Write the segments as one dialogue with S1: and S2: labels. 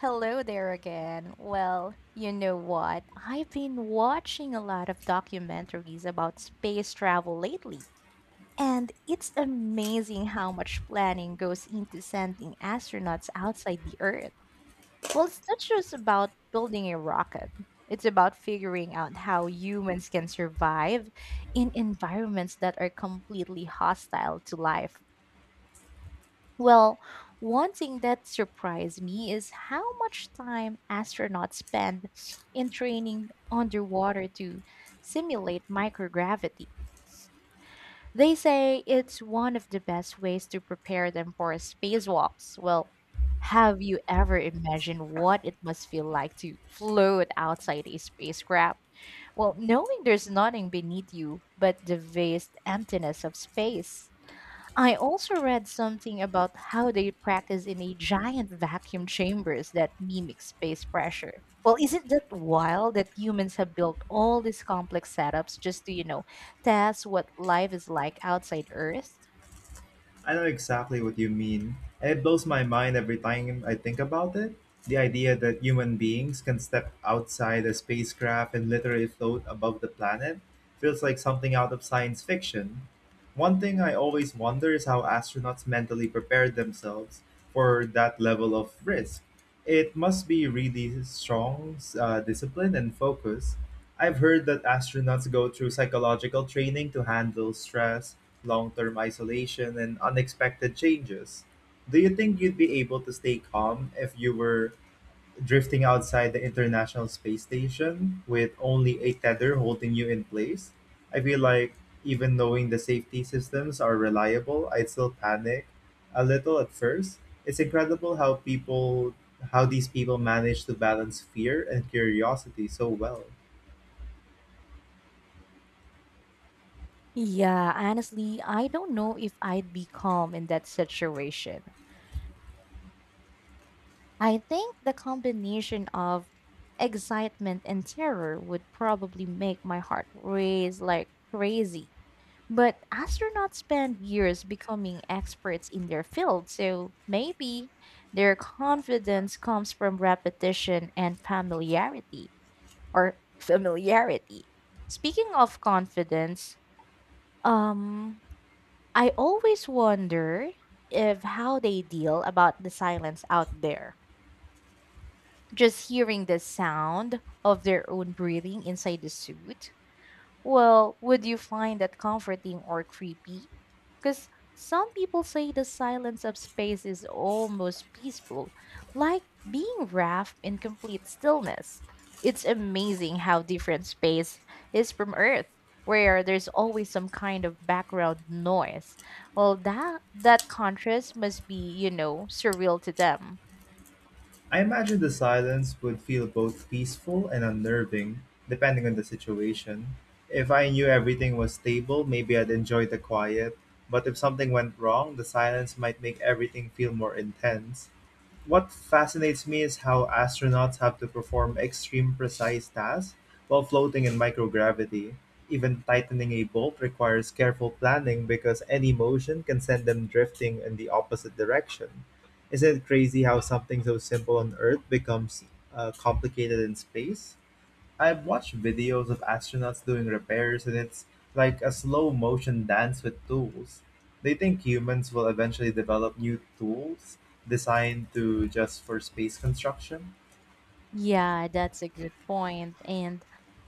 S1: Hello there again. Well, you know what? I've been watching a lot of documentaries about space travel lately, and it's amazing how much planning goes into sending astronauts outside the Earth. Well, it's not just about building a rocket, it's about figuring out how humans can survive in environments that are completely hostile to life. Well, one thing that surprised me is how much time astronauts spend in training underwater to simulate microgravity. They say it's one of the best ways to prepare them for spacewalks. Well, have you ever imagined what it must feel like to float outside a spacecraft? Well, knowing there's nothing beneath you but the vast emptiness of space. I also read something about how they practice in a giant vacuum chambers that mimic space pressure. Well, isn't that wild that humans have built all these complex setups just to, test what life is like outside Earth?
S2: I know exactly what you mean, and it blows my mind every time I think about it. The idea that human beings can step outside a spacecraft and literally float above the planet feels like something out of science fiction. One thing I always wonder is how astronauts mentally prepare themselves for that level of risk. It must be really strong discipline and focus. I've heard that astronauts go through psychological training to handle stress, long term isolation, and unexpected changes. Do you think you'd be able to stay calm if you were drifting outside the International Space Station with only a tether holding you in place? I feel like even knowing the safety systems are reliable, I'd still panic a little at first. It's incredible how people how these people manage to balance fear and curiosity so well.
S1: Yeah, honestly, I don't know if I'd be calm in that situation. I think the combination of excitement and terror would probably make my heart race like crazy. But astronauts spend years becoming experts in their field, so maybe their confidence comes from repetition and familiarity or familiarity. Speaking of confidence, um I always wonder if how they deal about the silence out there just hearing the sound of their own breathing inside the suit. Well, would you find that comforting or creepy? Because some people say the silence of space is almost peaceful, like being wrapped in complete stillness. It's amazing how different space is from Earth, where there's always some kind of background noise. Well, that contrast must be, surreal to them.
S2: I imagine the silence would feel both peaceful and unnerving, depending on the situation. If I knew everything was stable, maybe I'd enjoy the quiet. But if something went wrong, the silence might make everything feel more intense. What fascinates me is how astronauts have to perform extreme precise tasks while floating in microgravity. Even tightening a bolt requires careful planning because any motion can send them drifting in the opposite direction. Isn't it crazy how something so simple on Earth becomes complicated in space? I've watched videos of astronauts doing repairs, and it's like a slow motion dance with tools. They think humans will eventually develop new tools designed to just for space construction.
S1: Yeah, that's a good point. And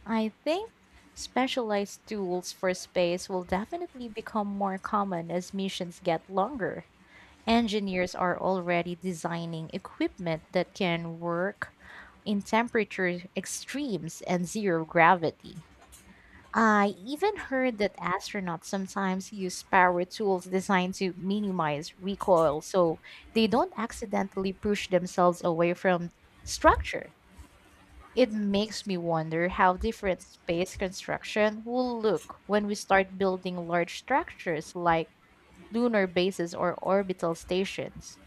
S1: I think specialized tools for space will definitely become more common as missions get longer. Engineers are already designing equipment that can work in temperature extremes and zero gravity. I even heard that astronauts sometimes use power tools designed to minimize recoil so they don't accidentally push themselves away from structure. It makes me wonder how different space construction will look when we start building large structures like lunar bases or orbital stations.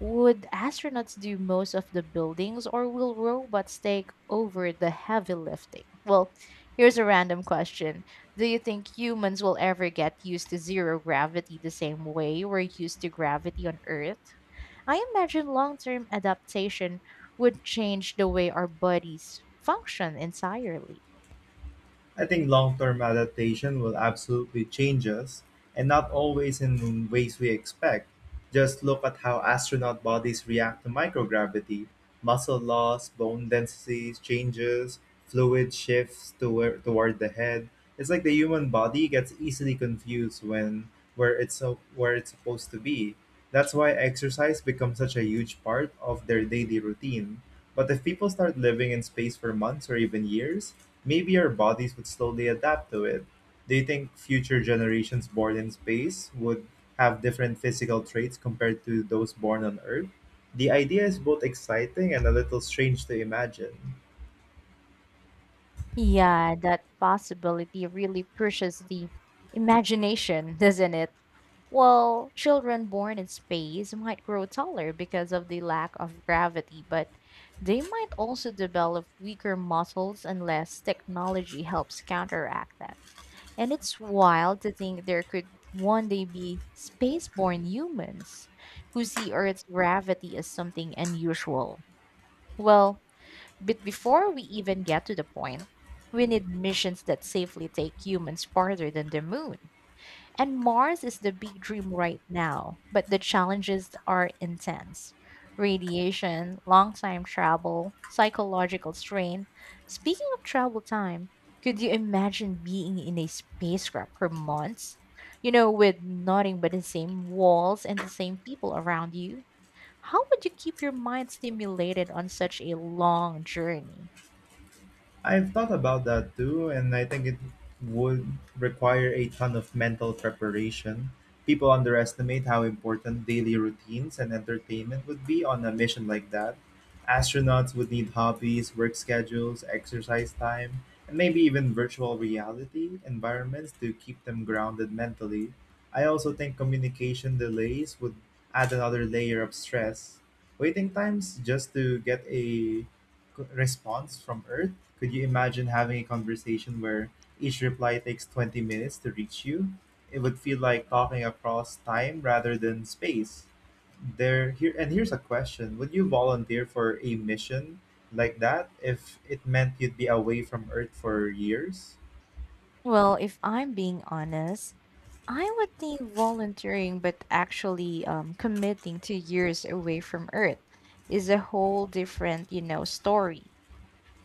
S1: Would astronauts do most of the buildings or will robots take over the heavy lifting? Well, here's a random question. Do you think humans will ever get used to zero gravity the same way we're used to gravity on Earth? I imagine long term adaptation would change the way our bodies function entirely.
S2: I think long term adaptation will absolutely change us, and not always in ways we expect. Just look at how astronaut bodies react to microgravity muscle loss, bone density changes, fluid shifts toward the head. It's like the human body gets easily confused when where it's so, where it's supposed to be. That's why exercise becomes such a huge part of their daily routine. But if people start living in space for months or even years, maybe our bodies would slowly adapt to it. Do you think future generations born in space would have different physical traits compared to those born on Earth? The idea is both exciting and a little strange to imagine.
S1: Yeah, that possibility really pushes the imagination, doesn't it? Well, children born in space might grow taller because of the lack of gravity, but they might also develop weaker muscles unless technology helps counteract that. And it's wild to think there could one day be spaceborne humans who see Earth's gravity as something unusual. Well, but before we even get to the point, we need missions that safely take humans farther than the moon. And Mars is the big dream right now, but the challenges are intense. Radiation, long time travel, psychological strain. Speaking of travel time, could you imagine being in a spacecraft for months? You know, with nothing but the same walls and the same people around you? How would you keep your mind stimulated on such a long journey?
S2: I've thought about that too, and I think it would require a ton of mental preparation. People underestimate how important daily routines and entertainment would be on a mission like that. Astronauts would need hobbies, work schedules, exercise time, and maybe even virtual reality environments to keep them grounded mentally. I also think communication delays would add another layer of stress. Waiting times just to get a response from Earth? Could you imagine having a conversation where each reply takes 20 minutes to reach you? It would feel like talking across time rather than space. There here and here's a question. Would you volunteer for a mission like that if it meant you'd be away from Earth for years?
S1: Well, if I'm being honest, I would think volunteering, but actually committing to years away from Earth is a whole different, story.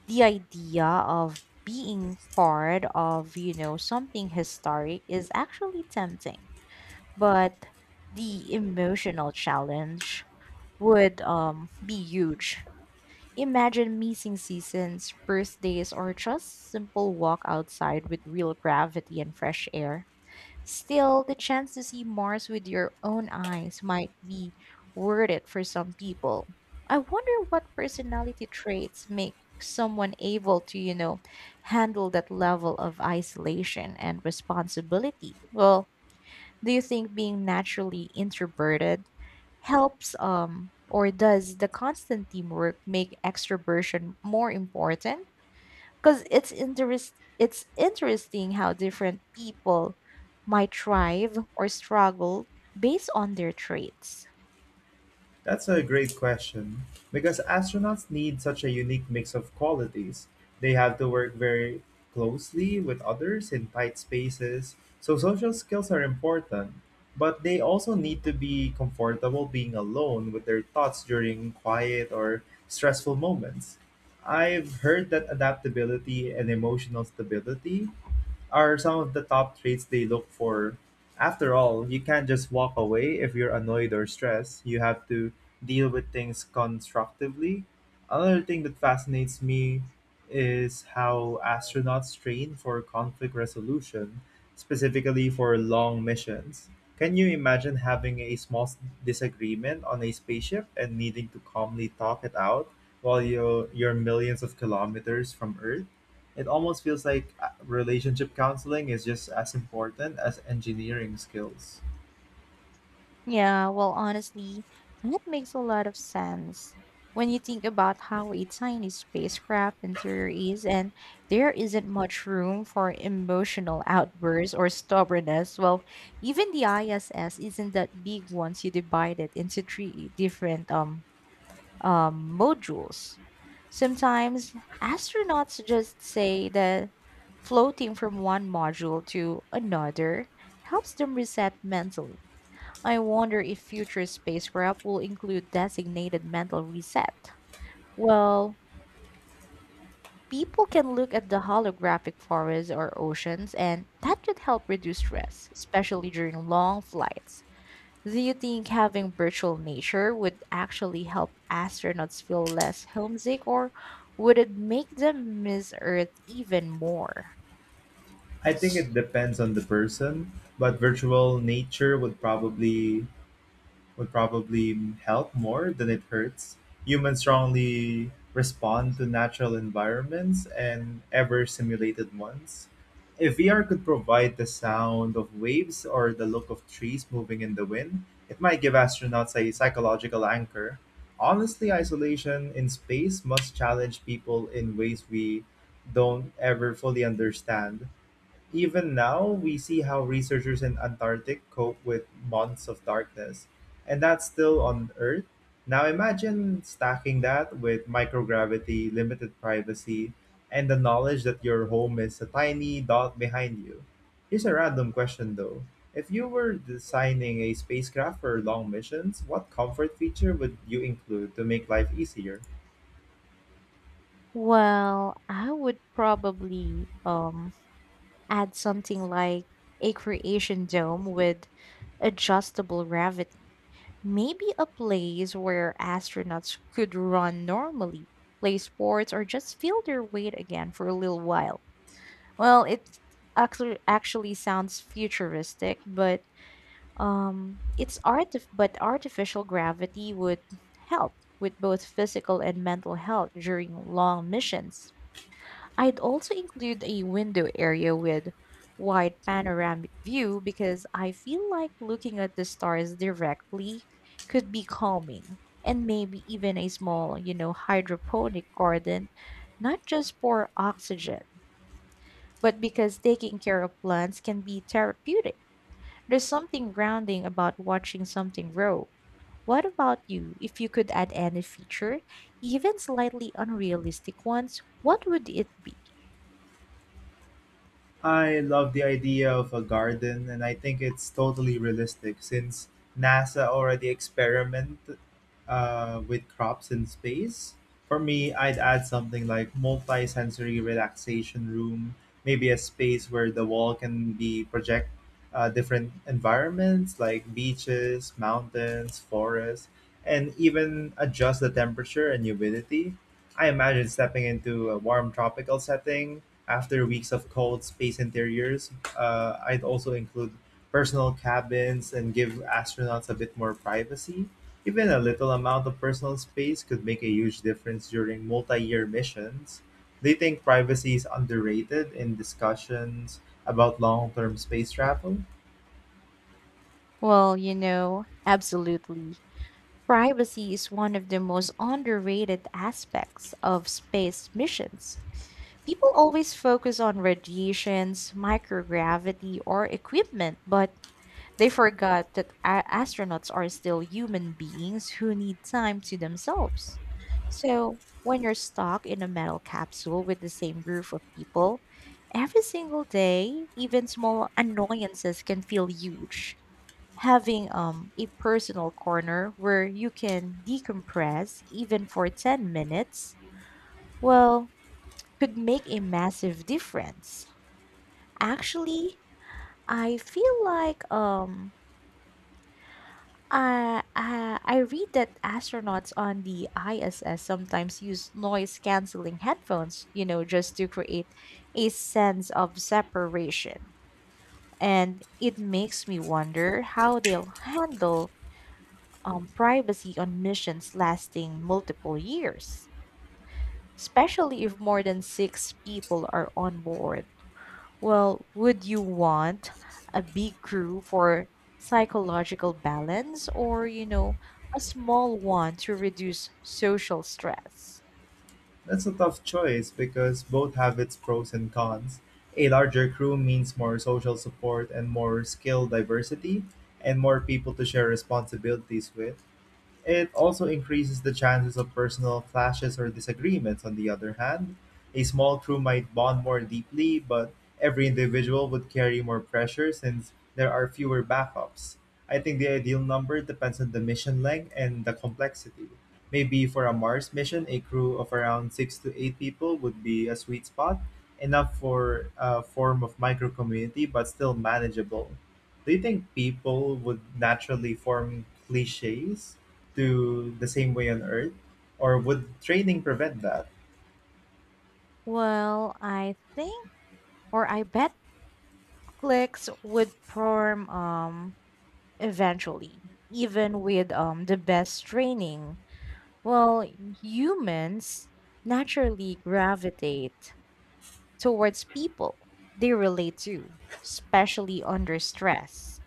S1: The idea of being part of, something historic is actually tempting, but the emotional challenge would be huge. Imagine missing seasons, birthdays, or just simple walk outside with real gravity and fresh air. Still, the chance to see Mars with your own eyes might be worth it for some people. I wonder what personality traits make someone able to, handle that level of isolation and responsibility. Well, do you think being naturally introverted helps or does the constant teamwork make extroversion more important? Because it's interesting how different people might thrive or struggle based on their traits.
S2: That's a great question, because astronauts need such a unique mix of qualities. They have to work very closely with others in tight spaces, so social skills are important. But they also need to be comfortable being alone with their thoughts during quiet or stressful moments. I've heard that adaptability and emotional stability are some of the top traits they look for. After all, you can't just walk away if you're annoyed or stressed. You have to deal with things constructively. Another thing that fascinates me is how astronauts train for conflict resolution, specifically for long missions. Can you imagine having a small disagreement on a spaceship and needing to calmly talk it out while you're millions of kilometers from Earth? It almost feels like relationship counseling is just as important as engineering skills.
S1: Yeah, well honestly, that makes a lot of sense. When you think about how a tiny spacecraft interior is and there isn't much room for emotional outbursts or stubbornness, well, even the ISS isn't that big once you divide it into three different modules. Sometimes astronauts just say that floating from one module to another helps them reset mentally. I wonder if future spacecraft will include designated mental reset. Well, people can look at the holographic forests or oceans, and that could help reduce stress, especially during long flights. Do you think having virtual nature would actually help astronauts feel less homesick, or would it make them miss Earth even more?
S2: I think it depends on the person, but virtual nature would probably help more than it hurts. Humans strongly respond to natural environments and ever simulated ones. If VR could provide the sound of waves or the look of trees moving in the wind, it might give astronauts a psychological anchor. Honestly, isolation in space must challenge people in ways we don't ever fully understand. Even now, we see how researchers in Antarctic cope with months of darkness, and that's still on Earth. Now imagine stacking that with microgravity, limited privacy, and the knowledge that your home is a tiny dot behind you. Here's a random question though. If you were designing a spacecraft for long missions, what comfort feature would you include to make life easier?
S1: Well, I would probably add something like a creation dome with adjustable gravity. Maybe a place where astronauts could run normally, play sports, or just feel their weight again for a little while. Well, it actually sounds futuristic, but it's art. But artificial gravity would help with both physical and mental health during long missions. I'd also include a window area with wide panoramic view because I feel like looking at the stars directly could be calming. And maybe even a small, hydroponic garden, not just for oxygen but because taking care of plants can be therapeutic. There's something grounding about watching something grow. What about you? If you could add any feature, even slightly unrealistic ones, what would it be?
S2: I love the idea of a garden, and I think it's totally realistic since NASA already experimented with crops in space. For me, I'd add something like multi-sensory relaxation room, maybe a space where the wall can be project different environments like beaches, mountains, forests, and even adjust the temperature and humidity. I imagine stepping into a warm tropical setting after weeks of cold space interiors. I'd also include personal cabins and give astronauts a bit more privacy. Even a little amount of personal space could make a huge difference during multi-year missions. They think privacy is underrated in discussions about long-term space travel?
S1: Well, absolutely. Privacy is one of the most underrated aspects of space missions. People always focus on radiations, microgravity, or equipment, but they forgot that astronauts are still human beings who need time to themselves. So, when you're stuck in a metal capsule with the same group of people, every single day, even small annoyances can feel huge. Having a personal corner where you can decompress, even for 10 minutes, well, could make a massive difference. Actually, I feel like I read that astronauts on the ISS sometimes use noise canceling headphones, just to create a sense of separation. And it makes me wonder how they'll handle privacy on missions lasting multiple years, especially if more than six people are on board. Well, would you want a big crew for psychological balance or, a small one to reduce social stress?
S2: That's a tough choice because both have its pros and cons. A larger crew means more social support and more skill diversity and more people to share responsibilities with. It also increases the chances of personal clashes or disagreements, on the other hand. A small crew might bond more deeply, but every individual would carry more pressure since there are fewer backups. I think the ideal number depends on the mission length and the complexity. Maybe for a Mars mission, a crew of around six to eight people would be a sweet spot, enough for a form of micro community, but still manageable. Do you think people would naturally form cliches to the same way on Earth? Or would training prevent that?
S1: Well, I think or I bet cliques would form eventually, even with the best training. Well, humans naturally gravitate towards people they relate to, especially under stress.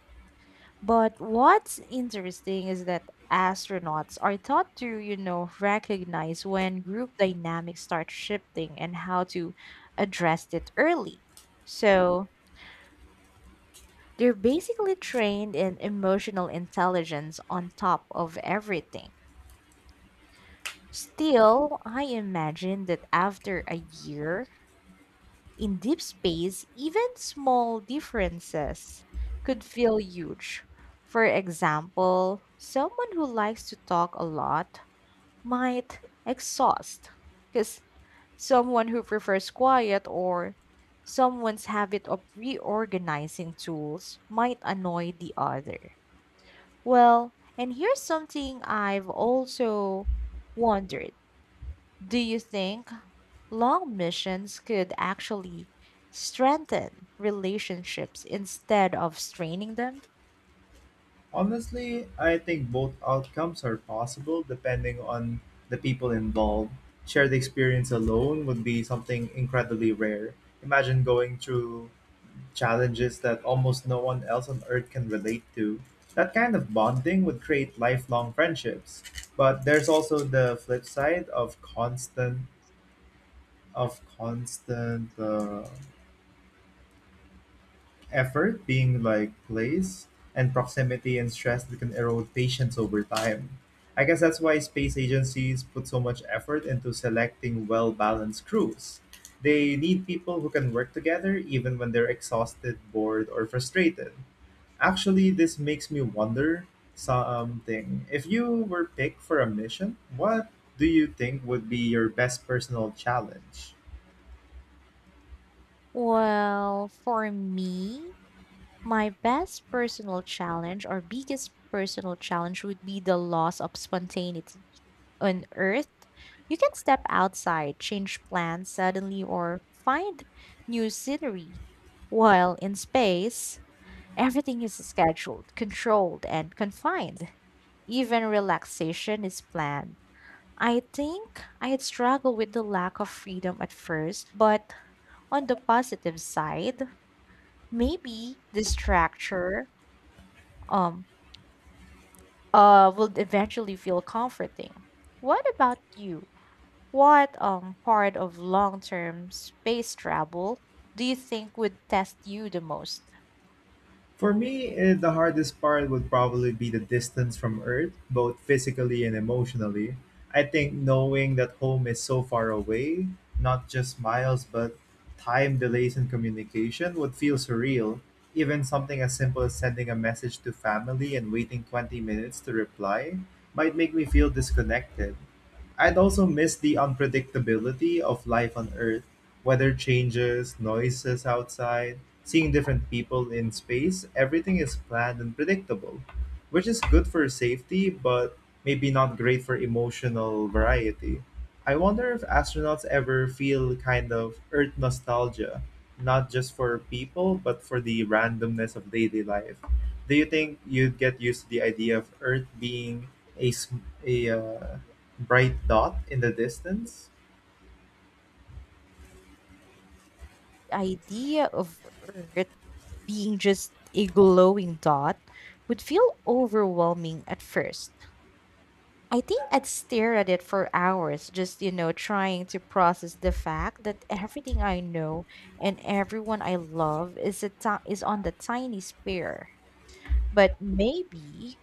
S1: But what's interesting is that astronauts are taught to, recognize when group dynamics start shifting and how to address it early. So they're basically trained in emotional intelligence on top of everything. Still, I imagine that after a year, in deep space, even small differences could feel huge. For example, someone who likes to talk a lot might exhaust, because someone who prefers quiet or someone's habit of reorganizing tools might annoy the other. Well, and here's something I've also wondered. Do you think long missions could actually strengthen relationships instead of straining them.
S2: Honestly, I think both outcomes are possible depending on the people involved. Shared experience alone would be something incredibly rare. Imagine going through challenges that almost no one else on Earth can relate to. That kind of bonding would create lifelong friendships. But there's also the flip side of constant, effort being like place and proximity and stress that can erode patience over time. I guess that's why space agencies put so much effort into selecting well balanced crews. They need people who can work together even when they're exhausted, bored, or frustrated. Actually, this makes me wonder something. If you were picked for a mission, what do you think would be your best personal challenge?
S1: Well, for me, my best personal challenge or biggest personal challenge would be the loss of spontaneity. On Earth, you can step outside, change plans suddenly, or find new scenery. While in space, everything is scheduled, controlled, and confined. Even relaxation is planned. I think I had struggled with the lack of freedom at first, but on the positive side, maybe this structure um will eventually feel comforting. What about you? What part of long-term space travel do you think would test you the most?
S2: For me, the hardest part would probably be the distance from Earth, both physically and emotionally. I think knowing that home is so far away, not just miles, but time delays in communication would feel surreal. Even something as simple as sending a message to family and waiting 20 minutes to reply might make me feel disconnected. I'd also miss the unpredictability of life on Earth. Weather changes, noises outside, seeing different people in space, everything is planned and predictable, which is good for safety, but maybe not great for emotional variety. I wonder if astronauts ever feel kind of Earth nostalgia, not just for people, but for the randomness of daily life. Do you think you'd get used to the idea of Earth being a bright dot in the distance?
S1: The idea of Earth being just a glowing dot would feel overwhelming at first. I think I'd stare at it for hours, just, trying to process the fact that everything I know and everyone I love is on the tiny sphere. But maybe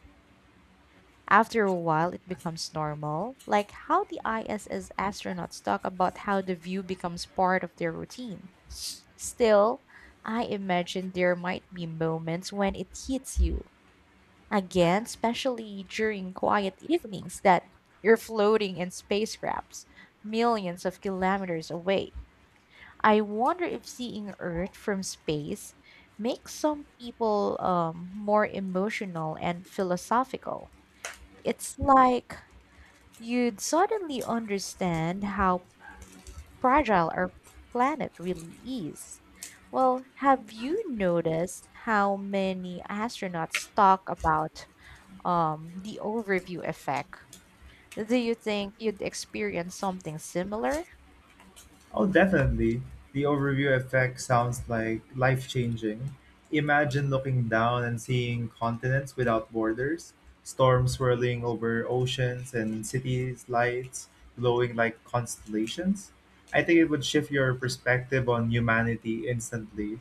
S1: after a while it becomes normal, like how the ISS astronauts talk about how the view becomes part of their routine. Still, I imagine there might be moments when it hits you again, especially during quiet evenings that you're floating in spacecrafts millions of kilometers away. I wonder if seeing Earth from space makes some people more emotional and philosophical. It's like you'd suddenly understand how fragile our planet really is. Well, have you noticed how many astronauts talk about the overview effect. Do you think you'd experience something similar?
S2: Oh, definitely. The overview effect sounds like life changing. Imagine looking down and seeing continents without borders, storms swirling over oceans, and cities' lights glowing like constellations. I think it would shift your perspective on humanity instantly.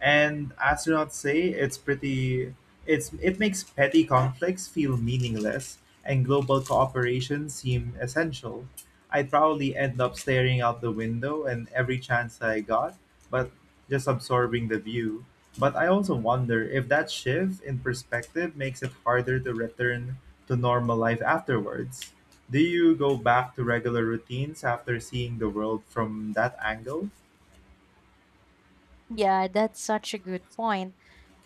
S2: And astronauts say it's pretty it's it makes petty conflicts feel meaningless and global cooperation seem essential. I'd probably end up staring out the window and every chance I got, but just absorbing the view. But I also wonder if that shift in perspective makes it harder to return to normal life afterwards. Do you go back to regular routines after seeing the world from that angle?
S1: Yeah, that's such a good point.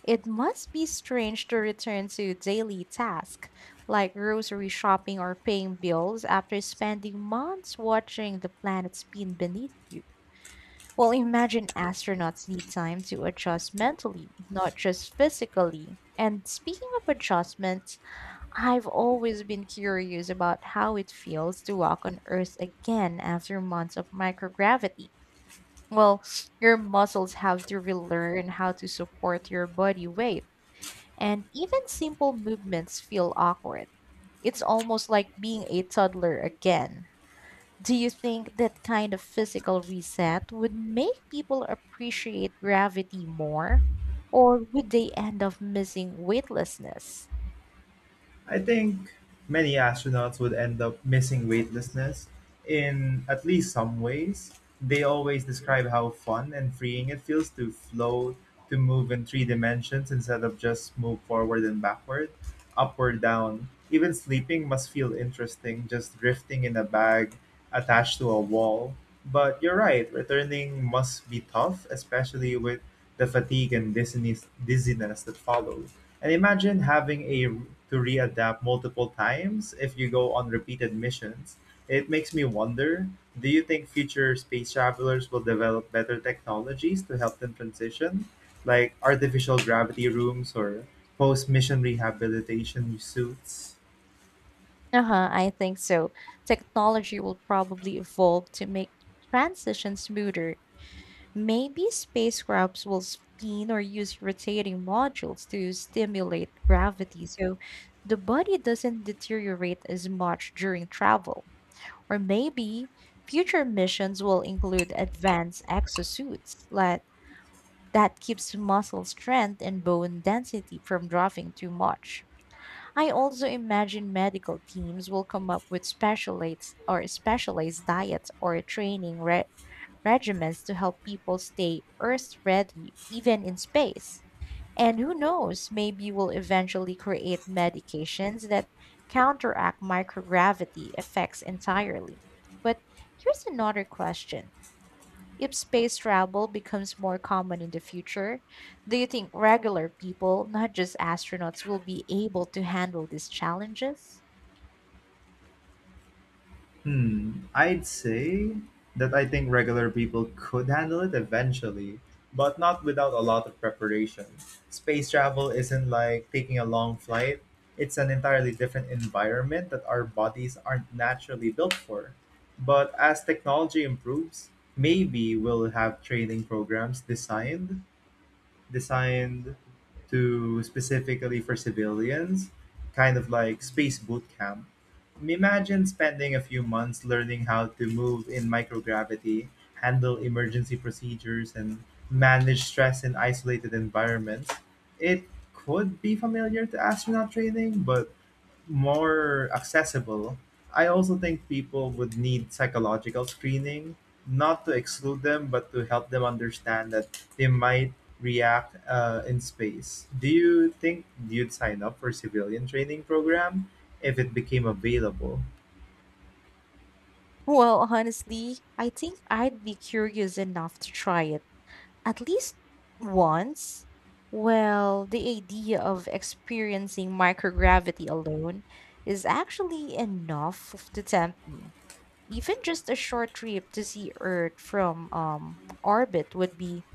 S1: It must be strange to return to daily tasks like grocery shopping or paying bills after spending months watching the planet spin beneath you. Well, imagine astronauts need time to adjust mentally, not just physically. And speaking of adjustments, I've always been curious about how it feels to walk on Earth again after months of microgravity. Well, your muscles have to relearn how to support your body weight, and even simple movements feel awkward. It's almost like being a toddler again. Do you think that kind of physical reset would make people appreciate gravity more, or would they end up missing weightlessness?
S2: I think many astronauts would end up missing weightlessness in at least some ways. They always describe how fun and freeing it feels to float, to move in three dimensions instead of just move forward and backward, upward, down. Even sleeping must feel interesting, just drifting in a bag attached to a wall. But you're right, returning must be tough, especially with the fatigue and dizziness that follows. And imagine having a to readapt multiple times if you go on repeated missions. It makes me wonder, do you think future space travelers will develop better technologies to help them transition, like artificial gravity rooms or post-mission rehabilitation suits?
S1: Uh-huh, I think so. Technology will probably evolve to make the transition smoother. Maybe spacecrafts will spin or use rotating modules to stimulate gravity so the body doesn't deteriorate as much during travel. Or maybe future missions will include advanced exosuits like that keeps muscle strength and bone density from dropping too much. I also imagine medical teams will come up with specialists or specialized diets or training regimens to help people stay Earth ready even in space. And who knows, maybe we'll eventually create medications that counteract microgravity effects entirely. But here's another question. If space travel becomes more common in the future, do you think regular people, not just astronauts, will be able to handle these challenges?
S2: Hmm, I'd say that I think regular people could handle it eventually, but not without a lot of preparation. Space travel isn't like taking a long flight, it's an entirely different environment that our bodies aren't naturally built for. But as technology improves, maybe we'll have training programs designed to specifically for civilians, kind of like space boot camp. Imagine spending a few months learning how to move in microgravity, handle emergency procedures, and manage stress in isolated environments. It could be familiar to astronaut training, but more accessible. I also think people would need psychological screening, not to exclude them, but to help them understand that they might react in space. Do you think you'd sign up for civilian training program if it became available?
S1: Well, honestly, I think I'd be curious enough to try it at least once. Well, the idea of experiencing microgravity alone is actually enough to tempt me. Even just a short trip to see Earth from orbit would be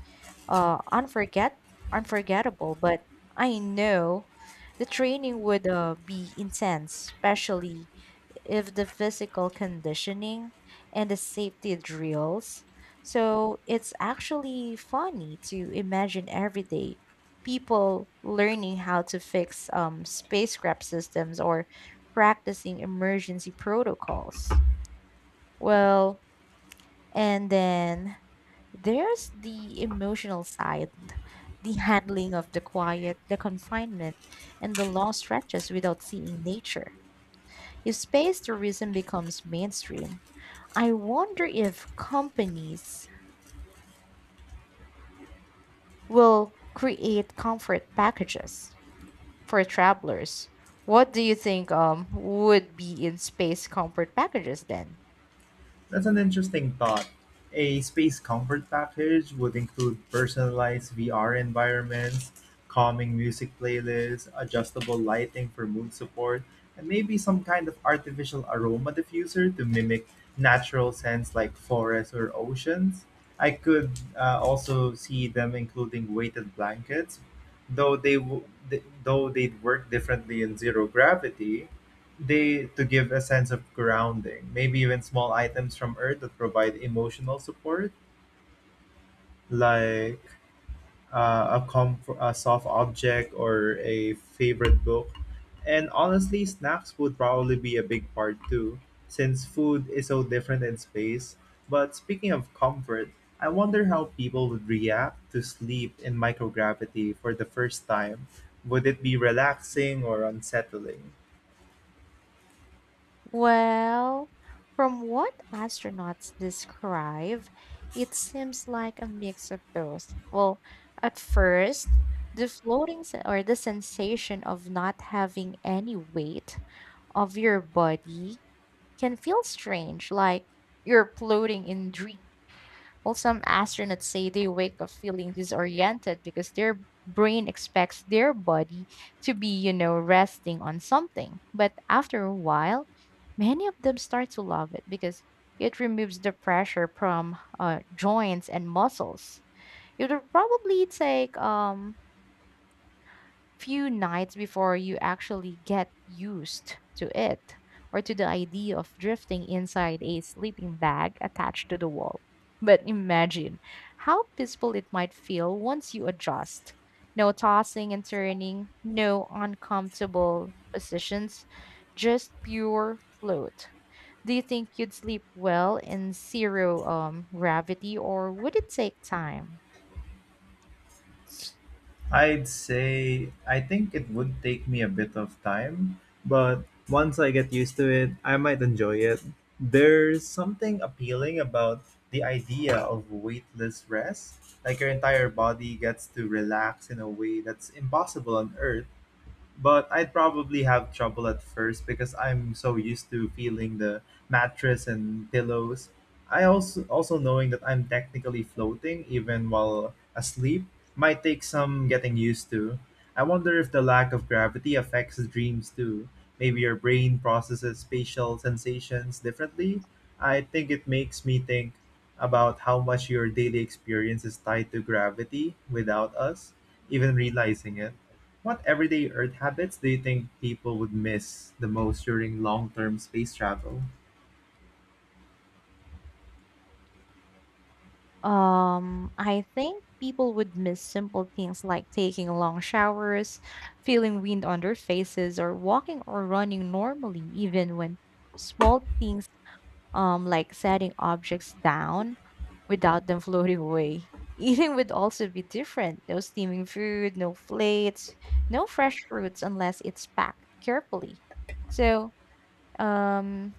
S1: uh, unforget unforgettable, but I know the training would be intense, especially if the physical conditioning and the safety drills. So it's actually funny to imagine every day people learning how to fix spacecraft systems or practicing emergency protocols. Well, and then there's the emotional side, the handling of the quiet, the confinement, and the long stretches without seeing nature. If space tourism becomes mainstream, I wonder if companies will create comfort packages for travelers. What do you think would be in space comfort packages then?
S2: That's an interesting thought. A space comfort package would include personalized VR environments, calming music playlists, adjustable lighting for mood support, and maybe some kind of artificial aroma diffuser to mimic natural scents like forests or oceans. I could also see them including weighted blankets, though they'd work differently in zero gravity they to give a sense of grounding. Maybe even small items from Earth that provide emotional support, like a comfort, a soft object, or a favorite book. And honestly, snacks would probably be a big part too, since food is so different in space. But speaking of comfort, I wonder how people would react to sleep in microgravity for the first time. Would it be relaxing or unsettling?
S1: Well, from what astronauts describe, it seems like a mix of both. Well, at first, the floating se- or the sensation of not having any weight of your body can feel strange, like you're floating in dream. Well, some astronauts say they wake up feeling disoriented because their brain expects their body to be, you know, resting on something. But after a while, many of them start to love it because it removes the pressure from joints and muscles. It would probably take few nights before you actually get used to it or to the idea of drifting inside a sleeping bag attached to the wall. But imagine how peaceful it might feel once you adjust. No tossing and turning, no uncomfortable positions, just pure float. Do you think you'd sleep well in zero gravity, or would it take time?
S2: I'd say I think it would take me a bit of time, but once I get used to it, I might enjoy it. There's something appealing about the idea of weightless rest, like your entire body gets to relax in a way that's impossible on earth, but I'd probably have trouble at first because I'm so used to feeling the mattress and pillows. I also knowing that I'm technically floating even while asleep might take some getting used to. I wonder if the lack of gravity affects dreams too. Maybe your brain processes spatial sensations differently. I think it makes me think about how much your daily experience is tied to gravity without us even realizing it. What everyday Earth habits do you think people would miss the most during long-term space travel?
S1: I think people would miss simple things like taking long showers, feeling wind on their faces, or walking or running normally, even when small things like setting objects down without them floating away. Eating would also be different. No steaming food, no plates, no fresh fruits unless it's packed carefully. So, um,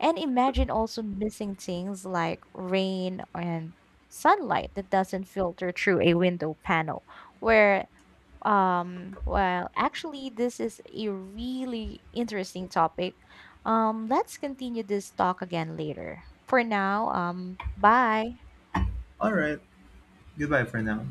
S1: and imagine also missing things like rain and sunlight that doesn't filter through a window panel where actually this is a really interesting topic. Let's continue this talk again later. For now, bye.
S2: All right, goodbye for now.